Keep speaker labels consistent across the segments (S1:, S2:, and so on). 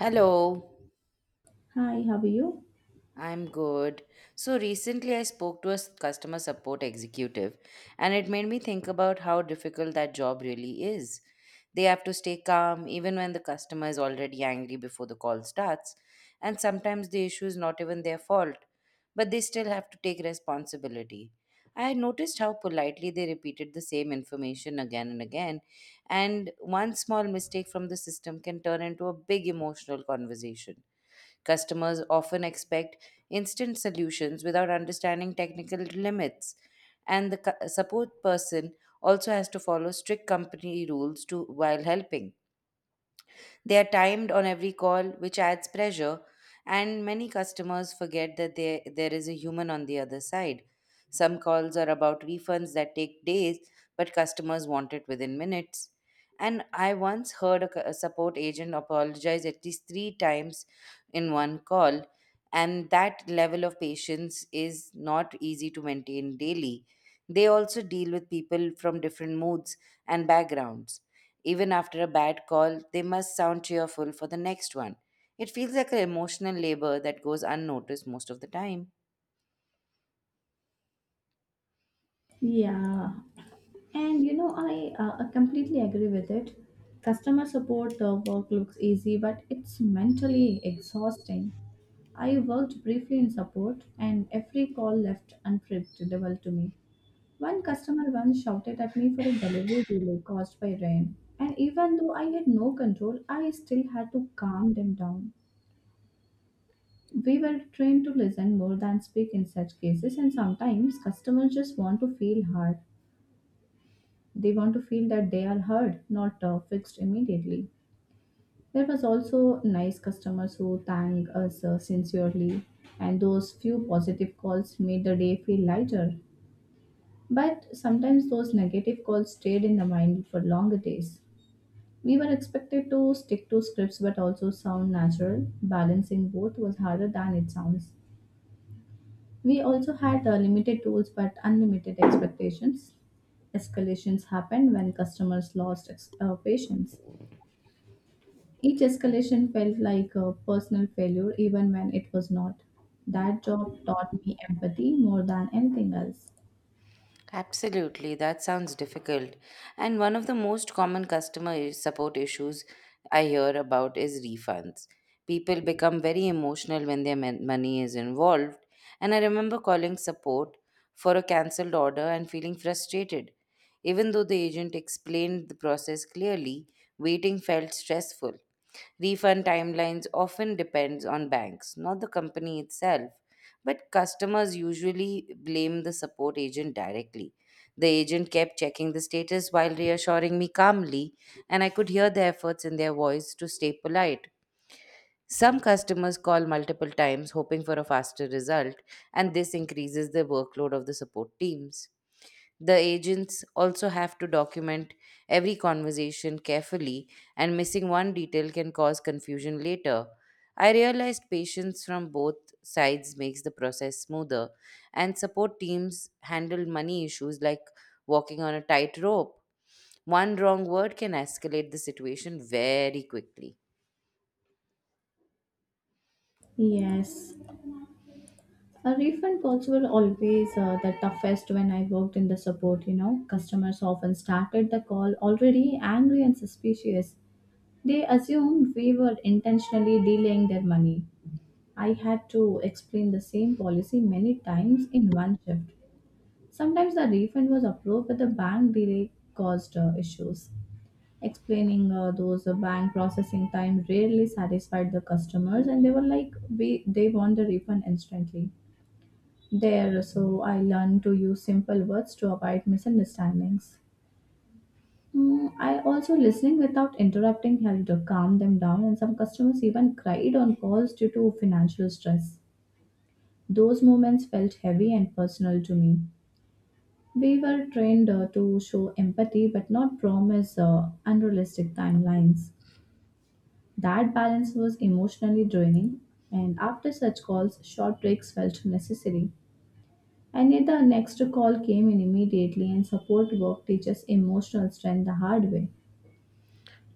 S1: Hello,
S2: Hi, how are you?
S1: I'm good. So recently I spoke to a customer support executive, and it made me think about how difficult that job really is. They have to stay calm even when the customer is already angry before the call starts, and sometimes the issue is not even their fault, but they still have to take responsibility. I noticed how politely they repeated the same information again and again, and one small mistake from the system can turn into a big emotional conversation. Customers often expect instant solutions without understanding technical limits. And the support person also has to follow strict company rules to, while helping. They are timed on every call, which adds pressure, and many customers forget that there is a human on the other side. Some calls are about refunds that take days, but customers want it within minutes. And I once heard a support agent apologize at least three times in one call, and that level of patience is not easy to maintain daily. They also deal with people from different moods and backgrounds. Even after a bad call, they must sound cheerful for the next one. It feels like an emotional labor that goes unnoticed most of the time.
S2: Yeah, and you know, I completely agree with it. Customer support work looks easy, but it's mentally exhausting. I worked briefly in support, and every call left unpredictable to me. One customer once shouted at me for a delivery delay caused by rain, and even though I had no control, I still had to calm them down. We were trained to listen more than speak in such cases, and sometimes customers just want to feel heard. They want to feel that they are heard, not fixed immediately. There was also nice customers who thanked us sincerely, and those few positive calls made the day feel lighter. But sometimes those negative calls stayed in the mind for longer days. We were expected to stick to scripts but also sound natural. Balancing both was harder than it sounds. We also had limited tools but unlimited expectations escalations happened when customers lost patience. Each escalation felt like a personal failure, even when it was not. That job taught me empathy more than anything else.
S1: Absolutely, that sounds difficult. And one of the most common customer support issues I hear about is refunds. People become very emotional when their money is involved. And I remember calling support for a cancelled order and feeling frustrated. Even though the agent explained the process clearly, waiting felt stressful. Refund timelines often depends on banks, not the company itself, but customers usually blame the support agent directly. The agent kept checking the status while reassuring me calmly, and I could hear the efforts in their voice to stay polite. Some customers call multiple times hoping for a faster result, and this increases the workload of the support teams. The agents also have to document every conversation carefully, and missing one detail can cause confusion later. I realized patience from both sides makes the process smoother, and support teams handle money issues like walking on a tightrope. One wrong word can escalate the situation very quickly.
S2: Yes. A refund calls were always the toughest when I worked in the support, you know. Customers often started the call already angry and suspicious. They assumed we were intentionally delaying their money. I had to explain the same policy many times in one shift. Sometimes the refund was approved, but the bank delay caused issues. Explaining those bank processing time rarely satisfied the customers, and they were like we they want the refund instantly there. So I learned to use simple words to avoid misunderstandings. I also listening without interrupting helped to calm them down, and some customers even cried on calls due to financial stress. Those moments felt heavy and personal to me. We were trained to show empathy but not promise unrealistic timelines. That balance was emotionally draining, and after such calls, short breaks felt necessary. And yet, the next call came in immediately, and support work teaches emotional strength the hard way.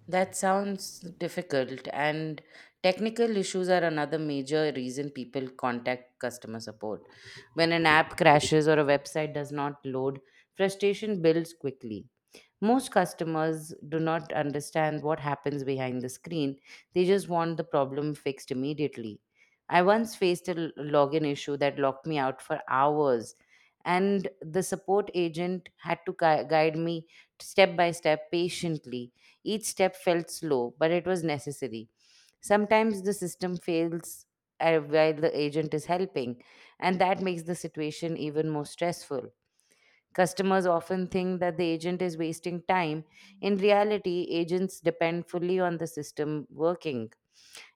S1: That sounds difficult, and technical issues are another major reason people contact customer support. When an app crashes or a website does not load, frustration builds quickly. Most customers do not understand what happens behind the screen, they just want the problem fixed immediately. I once faced a login issue that locked me out for hours, and the support agent had to guide me step by step patiently. Each step felt slow, but it was necessary. Sometimes the system fails while the agent is helping, and that makes the situation even more stressful. Customers often think that the agent is wasting time. In reality, agents depend fully on the system working.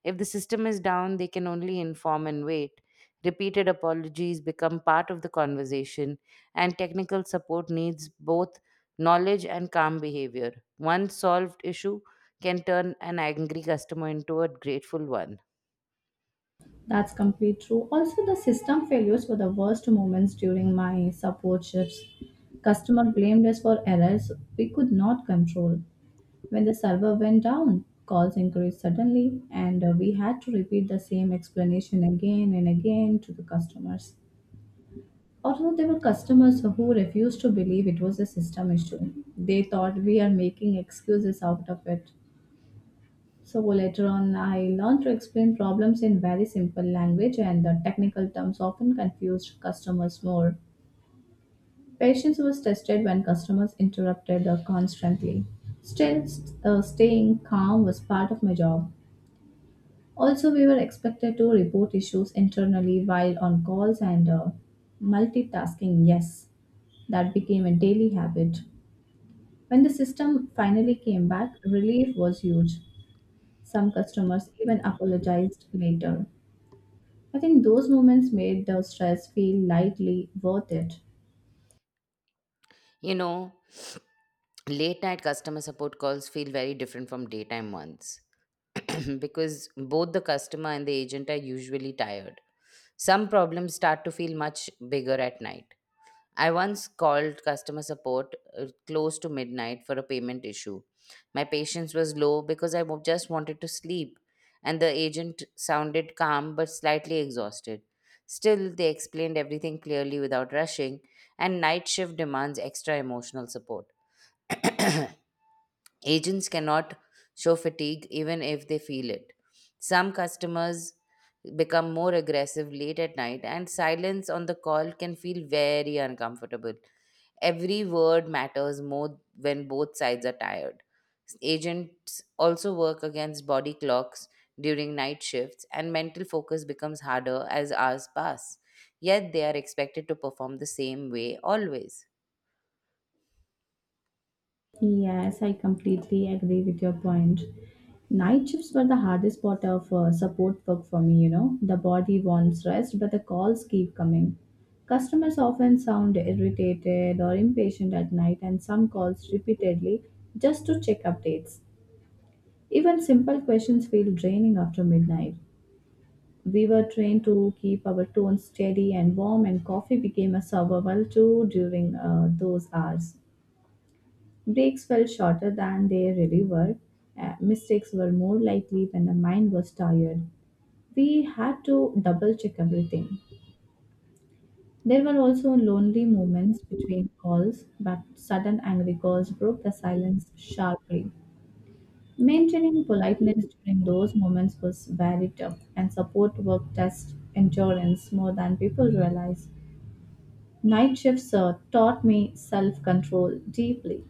S1: If the system is down, they can only inform and wait. Repeated apologies become part of the conversation, and technical support needs both knowledge and calm behavior. One solved issue can turn an angry customer into a grateful one.
S2: That's complete true. Also, the system failures were the worst moments during my support shifts. Customer blamed us for errors we could not control. When the server went down, calls increased suddenly, and we had to repeat the same explanation again and again to the customers. Although there were customers who refused to believe it was a system issue, they thought we are making excuses out of it. So later on, I learned to explain problems in very simple language, and the technical terms often confused customers more. Patience was tested when customers interrupted constantly. Still, staying calm was part of my job. Also, we were expected to report issues internally while on calls, and multitasking, yes, that became a daily habit. When the system finally came back, relief was huge. Some customers even apologized later. I think those moments made the stress feel lightly worth it.
S1: You know, late night customer support calls feel very different from daytime ones because both the customer and the agent are usually tired. Some problems start to feel much bigger at night. I once called customer support close to midnight for a payment issue. My patience was low because I just wanted to sleep, and the agent sounded calm but slightly exhausted. Still, they explained everything clearly without rushing, and night shift demands extra emotional support. Agents cannot show fatigue even if they feel it. Some customers become more aggressive late at night, and silence on the call can feel very uncomfortable. Every word matters more when both sides are tired. Agents also work against body clocks during night shifts, and mental focus becomes harder as hours pass. Yet they are expected to perform the same way always.
S2: Yes, I completely agree with your point. Night shifts were the hardest part of support work for me, you know. The body wants rest, but the calls keep coming. Customers often sound irritated or impatient at night, and some calls repeatedly just to check updates. Even simple questions feel draining after midnight. We were trained to keep our tone steady and warm, and coffee became a survival tool during those hours. Breaks felt shorter than they really were. Mistakes were more likely when the mind was tired. We had to double check everything. There were also lonely moments between calls, but sudden angry calls broke the silence sharply. Maintaining politeness during those moments was very tough, and support work test endurance more than people realize. Night shifts taught me self control deeply.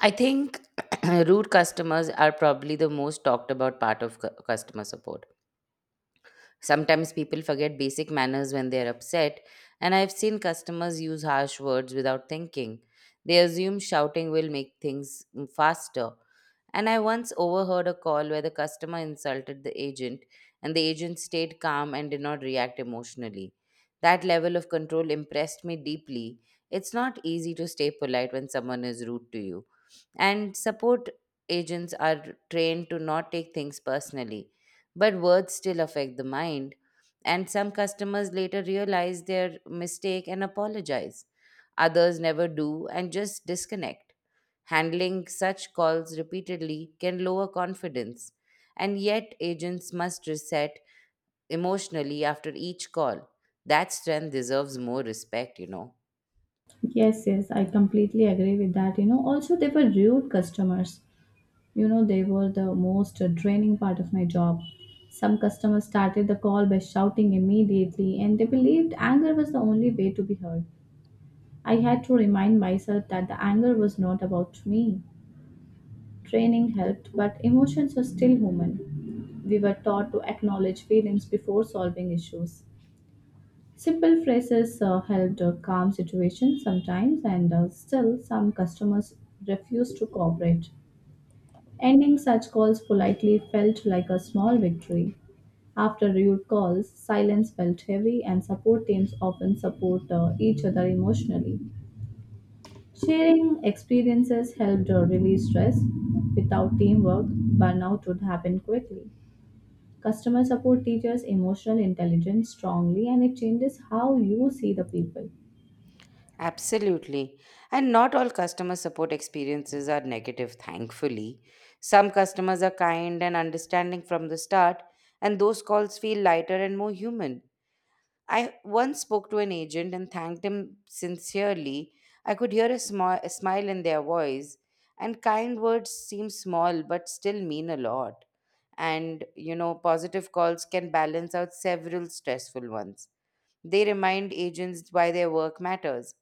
S1: I think rude customers are probably the most talked about part of customer support. Sometimes people forget basic manners when they're upset, and I've seen customers use harsh words without thinking. They assume shouting will make things faster. And I once overheard a call where the customer insulted the agent, and the agent stayed calm and did not react emotionally. That level of control impressed me deeply. It's not easy to stay polite when someone is rude to you. And support agents are trained to not take things personally, but words still affect the mind. And some customers later realize their mistake and apologize. Others never do and just disconnect. Handling such calls repeatedly can lower confidence, and yet agents must reset emotionally after each call. That strength deserves more respect, you know.
S2: Yes, yes, I completely agree with that. You know, also they were rude customers. You know, they were the most draining part of my job. Some customers started the call by shouting immediately, and they believed anger was the only way to be heard. I had to remind myself that the anger was not about me. Training helped, but emotions are still human. We were taught to acknowledge feelings before solving issues. Simple phrases helped calm situations sometimes, and still, some customers refused to cooperate. Ending such calls politely felt like a small victory. After rude calls, silence felt heavy, and support teams often support each other emotionally. Sharing experiences helped release stress. Without teamwork, burnout would happen quickly. Customer support teaches emotional intelligence strongly, and it changes how you see the people.
S1: Absolutely. And not all customer support experiences are negative, thankfully. Some customers are kind and understanding from the start, and those calls feel lighter and more human. I once spoke to an agent and thanked him sincerely. I could hear a smile in their voice, and kind words seem small but still mean a lot. And, you know, positive calls can balance out several stressful ones. They remind agents why their work matters.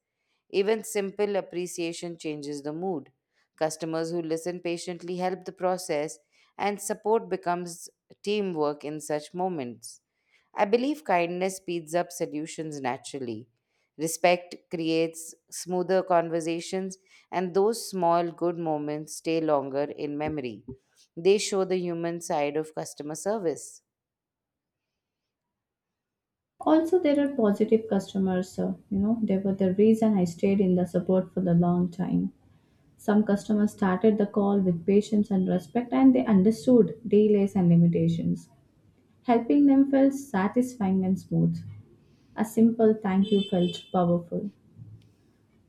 S1: Even simple appreciation changes the mood. Customers who listen patiently help the process, and support becomes teamwork in such moments. I believe kindness speeds up solutions naturally. Respect creates smoother conversations, and those small good moments stay longer in memory. They show the human side of customer service.
S2: Also, there are positive customers, you know, they were the reason I stayed in the support for the long time. Some customers started the call with patience and respect, and they understood delays and limitations. Helping them felt satisfying and smooth. A simple thank you felt powerful.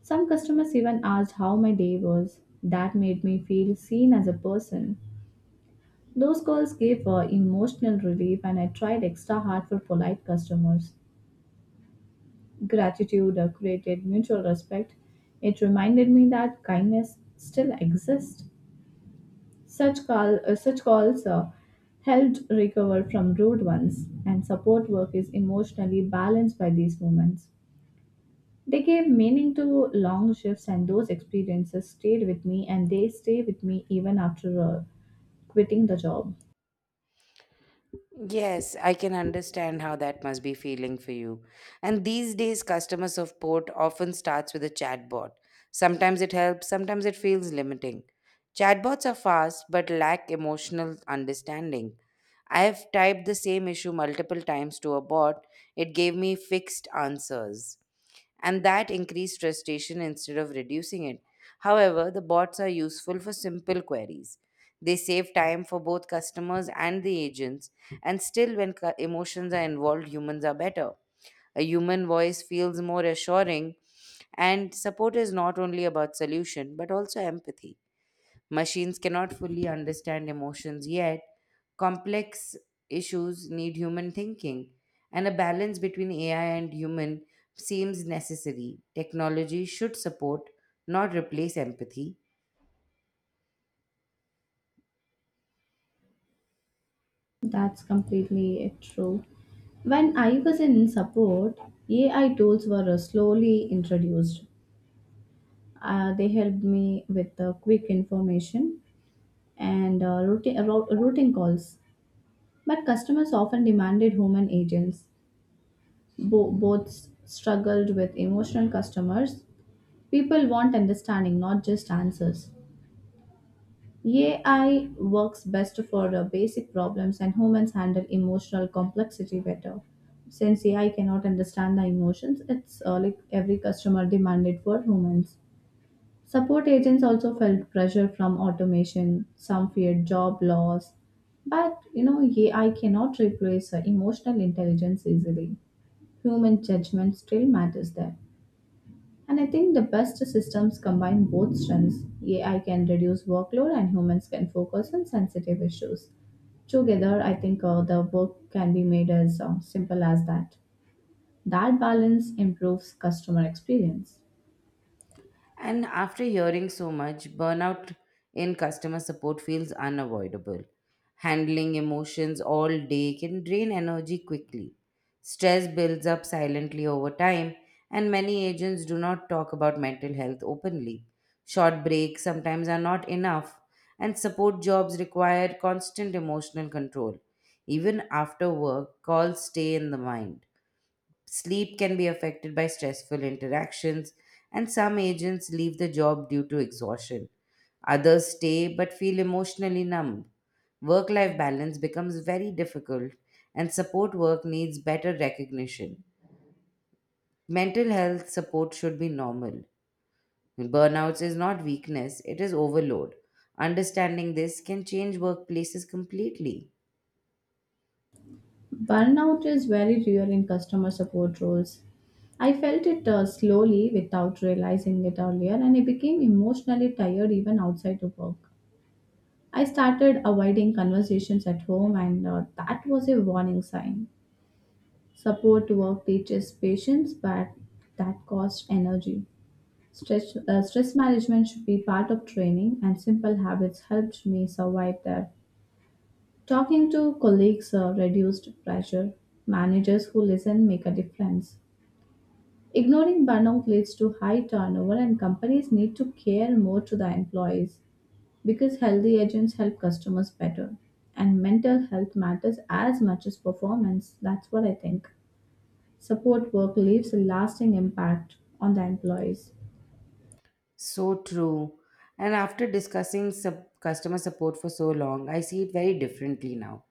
S2: Some customers even asked how my day was. That made me feel seen as a person. Those calls gave emotional relief, and I tried extra hard for polite customers. Gratitude or created mutual respect, it reminded me that kindness still exists. Such calls helped recover from rude ones, and support work is emotionally balanced by these moments. They gave meaning to long shifts, and those experiences stayed with me, and they stay with me even after quitting the job.
S1: Yes, I can understand how that must be feeling for you. And these days, customer support often starts with a chatbot. Sometimes it helps, sometimes it feels limiting. Chatbots are fast but lack emotional understanding. I have typed the same issue multiple times to a bot, it gave me fixed answers, and that increased frustration instead of reducing it. However, the bots are useful for simple queries. They save time for both customers and the agents, and still, when emotions are involved, humans are better. A human voice feels more assuring, and support is not only about solution but also empathy. Machines cannot fully understand emotions yet. Complex issues need human thinking, and a balance between AI and human seems necessary. Technology should support, not replace empathy.
S2: That's completely true. When I was in support, AI tools were slowly introduced. They helped me with quick information and routing calls. But customers often demanded human agents. Both struggled with emotional customers. People want understanding, not just answers. AI works best for the basic problems, and humans handle emotional complexity better. Since AI cannot understand the emotions, it's like every customer demanded for humans. Support agents also felt pressure from automation, some feared job loss. But you know, AI cannot replace emotional intelligence easily. Human judgment still matters there. And I think the best systems combine both strengths. AI can reduce workload, and humans can focus on sensitive issues. Together, I think the work can be made as simple as that. That balance improves customer experience.
S1: And after hearing so much, burnout in customer support feels unavoidable. Handling emotions all day can drain energy quickly. Stress builds up silently over time, and many agents do not talk about mental health openly. Short breaks sometimes are not enough, and support jobs require constant emotional control. Even after work, calls stay in the mind. Sleep can be affected by stressful interactions, and some agents leave the job due to exhaustion. Others stay but feel emotionally numb. Work life balance becomes very difficult, and support work needs better recognition. Mental health support should be normal. Burnouts is not weakness, it is overload. Understanding this can change workplaces completely.
S2: Burnout is very real in customer support roles. I felt it slowly without realizing it earlier, and I became emotionally tired even outside of work. I started avoiding conversations at home, and that was a warning sign. Support work teaches patience, but that costs energy. Stress management should be part of training, and simple habits helped me survive that. Talking to colleagues reduced pressure. Managers who listen make a difference. Ignoring burnout leads to high turnover, and companies need to care more to the employees because healthy agents help customers better. And mental health matters as much as performance. That's what I think. Support work leaves a lasting impact on the employees.
S1: So true. And after discussing customer support for so long, I see it very differently now.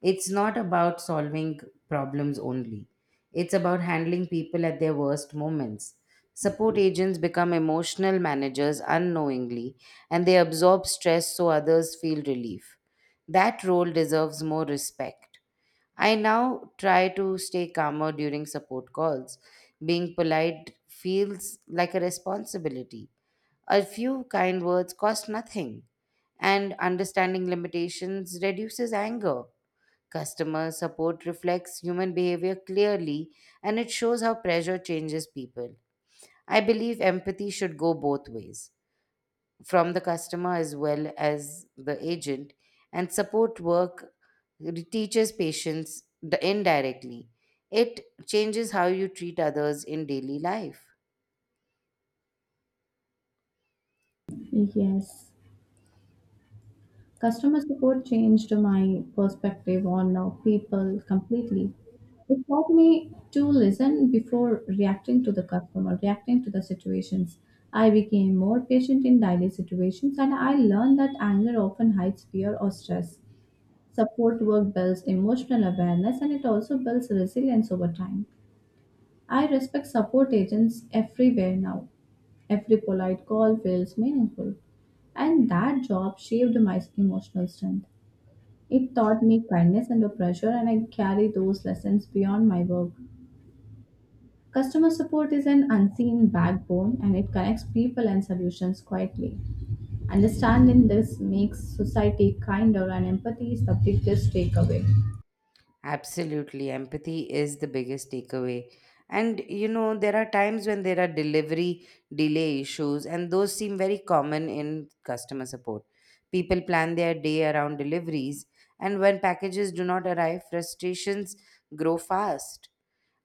S1: It's not about solving problems only, it's about handling people at their worst moments. Support agents become emotional managers unknowingly, and they absorb stress so others feel relief. That role deserves more respect. I now try to stay calmer during support calls. Being polite feels like a responsibility. A few kind words cost nothing, and understanding limitations reduces anger. Customer support reflects human behavior clearly, and it shows how pressure changes people. I believe empathy should go both ways, from the customer as well as the agent, and support work teaches patience indirectly. It changes how you treat others in daily life.
S2: Yes. Customer support changed my perspective on people completely. It taught me to listen before reacting to the customer, reacting to the situations. I became more patient in daily situations, and I learned that anger often hides fear or stress. Support work builds emotional awareness, and it also builds resilience over time. I respect support agents everywhere now. Every polite call feels meaningful, and that job shaped my emotional strength. It taught me kindness under pressure, and I carry those lessons beyond my work. Customer support is an unseen backbone, and it connects people and solutions quietly. Understanding this makes society kinder, and empathy is the biggest takeaway.
S1: Absolutely. Empathy is the biggest takeaway. And you know, there are times when there are delivery delay issues, and those seem very common in customer support. People plan their day around deliveries, and when packages do not arrive, frustrations grow fast.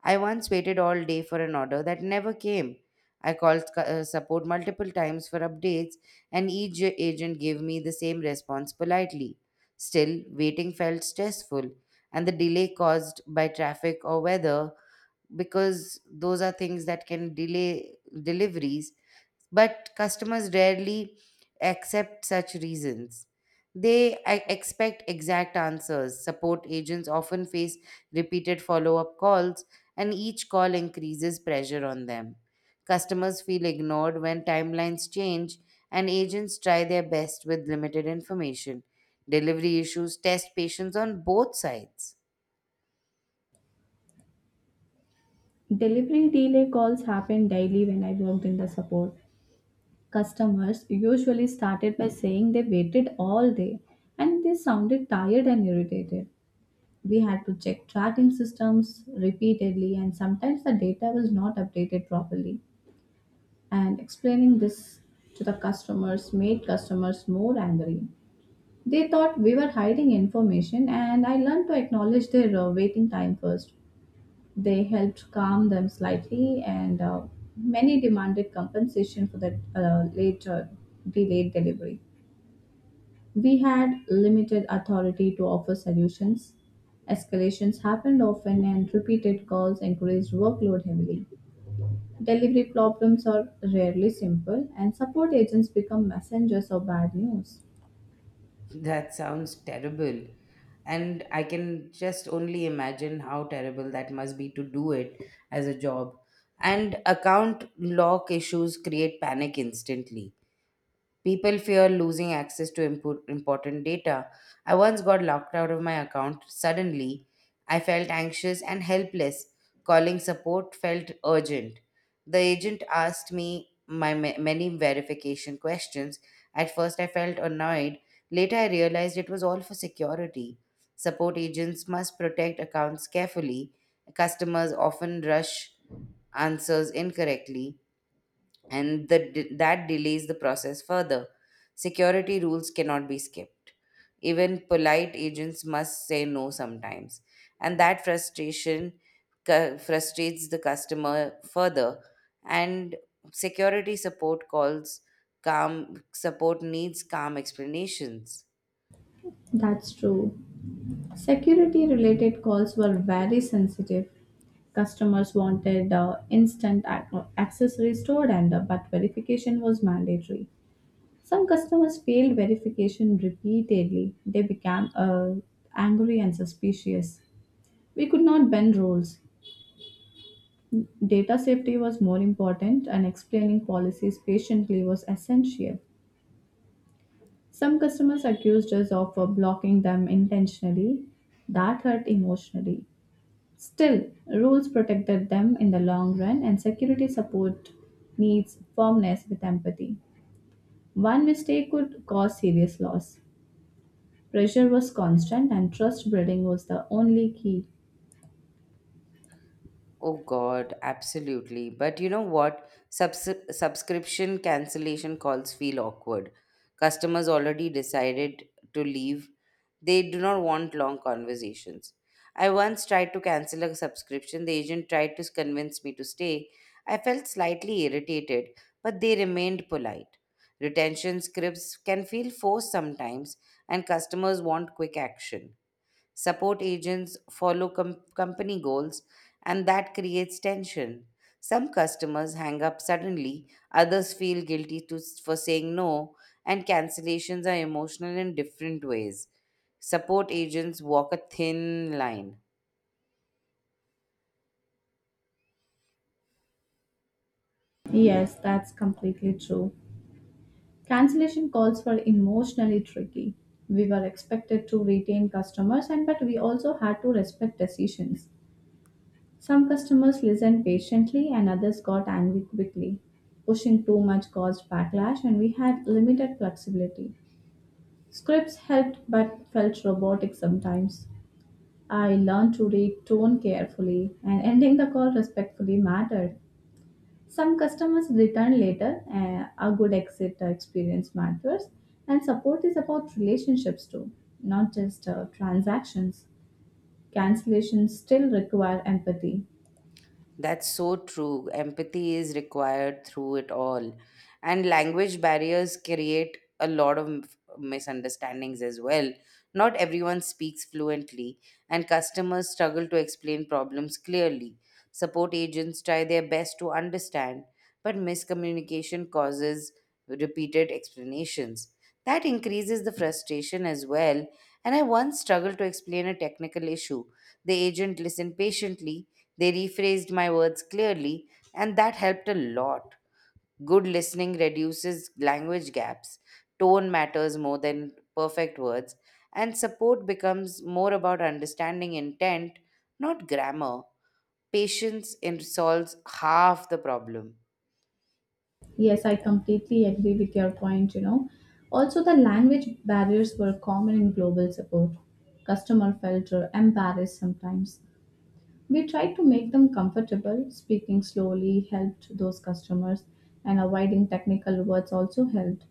S1: I once waited all day for an order that never came. I called support multiple times for updates, and each agent gave me the same response politely. Still, waiting felt stressful, and the delay caused by traffic or weather, because those are things that can delay deliveries, but customers rarely accept such reasons. They expect exact answers. Support agents often face repeated follow up calls, and each call increases pressure on them. Customers feel ignored when timelines change, and agents try their best with limited information. Delivery issues test patience on both sides.
S2: Delivery delay calls happen daily when I worked in the support. Customers usually started by saying they waited all day, and they sounded tired and irritated. We had to check tracking systems repeatedly, and sometimes the data was not updated properly. And explaining this to the customers made customers more angry. They thought we were hiding information, and I learned to acknowledge their waiting time first. They helped calm them slightly, and many demanded compensation for that later delayed delivery. We had limited authority to offer solutions. Escalations happened often, and repeated calls increased workload heavily. Delivery problems are rarely simple, and support agents become messengers of bad news.
S1: That sounds terrible. And I can just only imagine how terrible that must be to do it as a job. And account lock issues create panic instantly. People fear losing access to important data. I once got locked out of my account suddenly. I felt anxious and helpless. Calling support felt urgent. The agent asked me many verification questions. At first, I felt annoyed. Later, I realized it was all for security. Support agents must protect accounts carefully. Customers often rush answers incorrectly and that delays the process further. Security rules cannot be skipped. Even polite agents must say no sometimes, and that frustration frustrates the customer further. And security support calls calm support needs calm explanations.
S2: That's true. Security related calls were very sensitive. Customers wanted instant access restored, and but verification was mandatory. Some customers failed verification repeatedly. They became angry and suspicious. We could not bend rules. Data safety was more important, and explaining policies patiently was essential. Some customers accused us of blocking them intentionally. That hurt emotionally. Still, rules protected them in the long run, and security support needs firmness with empathy. One mistake could cause serious loss. Pressure was constant, and trust building was the only key.
S1: Oh God, absolutely. But you know what? Subscription cancellation calls feel awkward. Customers already decided to leave. They do not want long conversations. I once tried to cancel a subscription. The agent tried to convince me to stay. I felt slightly irritated, but they remained polite. Retention scripts can feel forced sometimes, and customers want quick action. Support agents follow company goals, and that creates tension. Some customers hang up suddenly, others feel guilty for saying no, and cancellations are emotional in different ways. Support agents walk a thin line.
S2: Yes, that's completely true. Cancellation calls were emotionally tricky. We were expected to retain customers, and but we also had to respect decisions. Some customers listened patiently, and others got angry quickly. Pushing too much caused backlash, and we had limited flexibility. Scripts helped but felt robotic sometimes. I learned to read tone carefully, and ending the call respectfully mattered. Some customers return later, a good exit experience matters, and support is about relationships too, not just transactions. Cancellations still require empathy.
S1: That's so true. Empathy is required through it all. And language barriers create a lot of misunderstandings as well. Not everyone speaks fluently, and customers struggle to explain problems clearly. Support agents try their best to understand, but miscommunication causes repeated explanations. That increases the frustration as well. And I once struggled to explain a technical issue. The agent listened patiently, they rephrased my words clearly, and that helped a lot. Good listening reduces language gaps, tone matters more than perfect words, and support becomes more about understanding intent, not grammar. Solves half the problem.
S2: Yes, I completely agree with your point, you know. Also, the language barriers were common in global support. Customer felt embarrassed sometimes. We tried to make them comfortable. Speaking slowly helped those customers, and avoiding technical words also helped.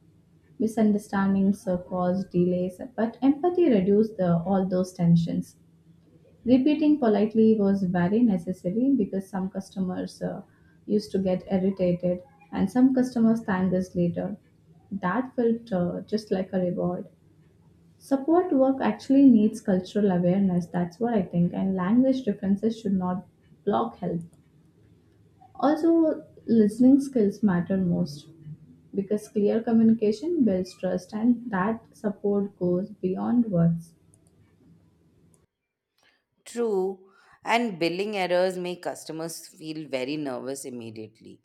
S2: Misunderstandings caused delays, but empathy reduced the, all those tensions. Repeating politely was very necessary because some customers used to get irritated, and some customers thanked us later. That felt just like a reward. Support work actually needs cultural awareness, that's what I think, and language differences should not block help. Also, listening skills matter most because clear communication builds trust, and that support goes beyond words.
S1: True, and billing errors make customers feel very nervous immediately.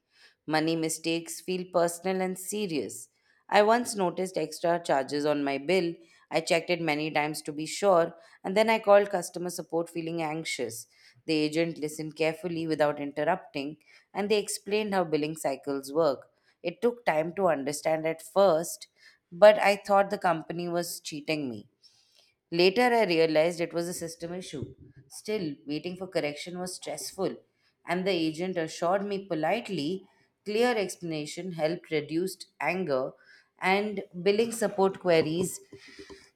S1: Money mistakes feel personal and serious. I once noticed extra charges on my bill. I checked it many times to be sure, and then I called customer support feeling anxious. The agent listened carefully without interrupting, and they explained how billing cycles work. It took time to understand at first, but I thought the company was cheating me. Later, I realized it was a system issue. Still, waiting for correction was stressful, and the agent assured me politely. Clear explanation helped reduce anger, and billing support queries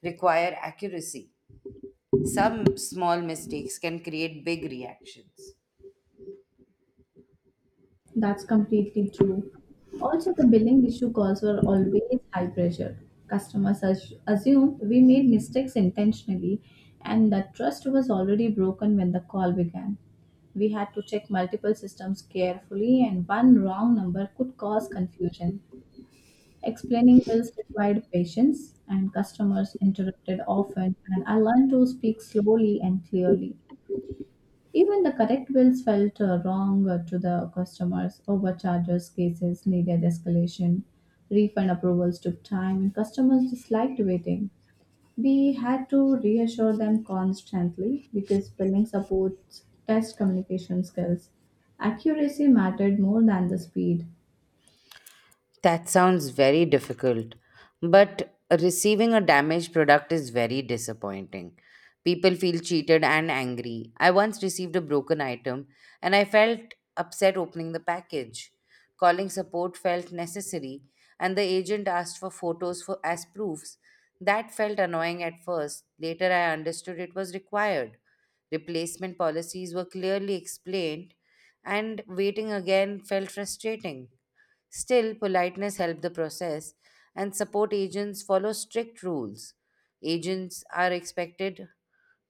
S1: require accuracy. Some small mistakes can create big reactions.
S2: That's completely true. Also, the billing issue calls were always high pressure. Customers assume we made mistakes intentionally, and that trust was already broken when the call began. We had to check multiple systems carefully, and one wrong number could cause confusion. Explaining bills required patience, and customers interrupted often, and I learned to speak slowly and clearly. Even the correct bills felt wrong to the customers. Overcharges cases needed escalation. Refund approvals took time, and customers disliked waiting. We had to reassure them constantly because billing supports test communication skills. Accuracy mattered more than the speed.
S1: That sounds very difficult, but receiving a damaged product is very disappointing. People feel cheated and angry. I once received a broken item and I felt upset opening the package. Calling support felt necessary, and the agent asked for photos as proofs. That felt annoying at first. Later, I understood it was required. Replacement policies were clearly explained, and waiting again felt frustrating. Still, politeness helped the process, and support agents follow strict rules. Agents are expected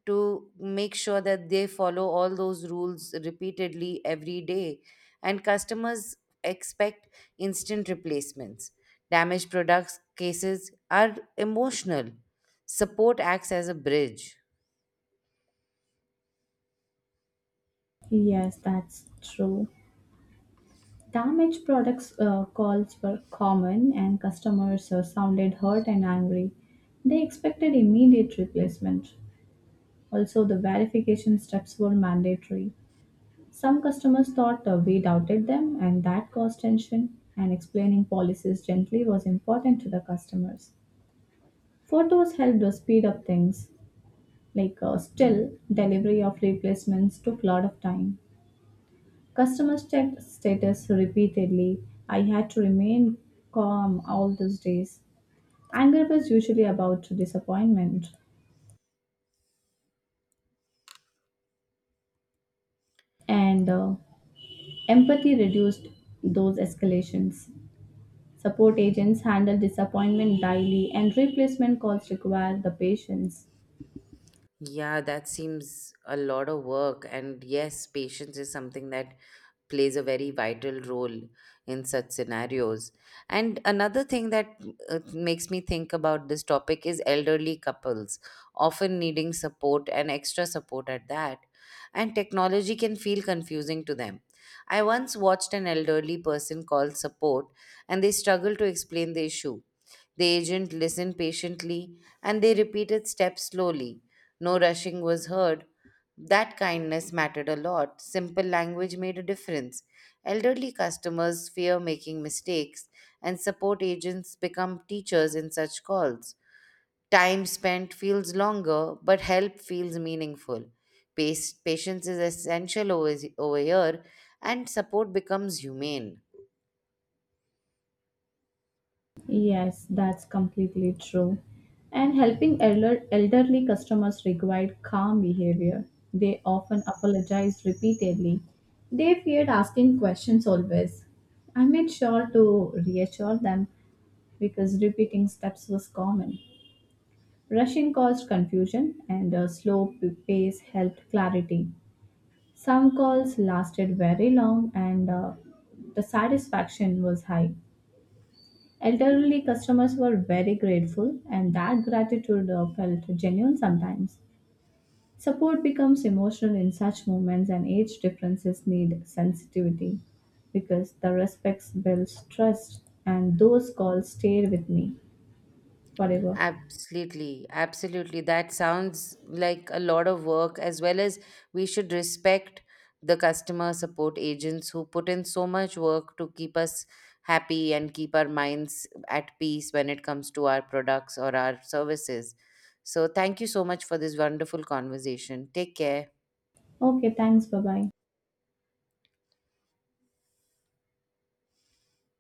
S1: to make sure that they follow all those rules repeatedly every day, and customers expect instant replacements. Damaged products cases are emotional. Support acts as a bridge.
S2: Yes, that's true. Damaged products calls were common, and customers sounded hurt and angry. They expected immediate replacement. Also, the verification steps were mandatory. Some customers thought we doubted them, and that caused tension, and explaining policies gently was important to the customers. Photos helped us speed up things. Still, delivery of replacements took a lot of time. Customers checked status repeatedly. I had to remain calm all those days. Anger was usually about disappointment, and empathy reduced those escalations. Support agents handle disappointment daily, and replacement calls require the patience.
S1: Yeah, that seems a lot of work. And yes, patience is something that plays a very vital role in such scenarios. And another thing that makes me think about this topic is elderly couples often needing support and extra support at that. And technology can feel confusing to them. I once watched an elderly person call support and they struggled to explain the issue. The agent listened patiently and they repeated steps slowly. No rushing was heard. That kindness mattered a lot. Simple language made a difference. Elderly customers fear making mistakes, and support agents become teachers in such calls. Time spent feels longer, but help feels meaningful. Pace, patience is essential over here, and support becomes humane.
S2: Yes, that's completely true. And helping elderly customers required calm behavior. They often apologized repeatedly. They feared asking questions always. I made sure to reassure them because repeating steps was common. Rushing caused confusion, and a slow pace helped clarity. Some calls lasted very long, and the satisfaction was high. Elderly customers were very grateful, and that gratitude felt genuine sometimes. Support becomes emotional in such moments, and age differences need sensitivity because the respects builds trust, and those calls stay with me forever.
S1: Absolutely, absolutely. That sounds like a lot of work, as well as we should respect the customer support agents who put in so much work to keep us happy and keep our minds at peace when it comes to our products or our services. So, thank you so much for this wonderful conversation. Take care.
S2: Okay, thanks. Bye bye.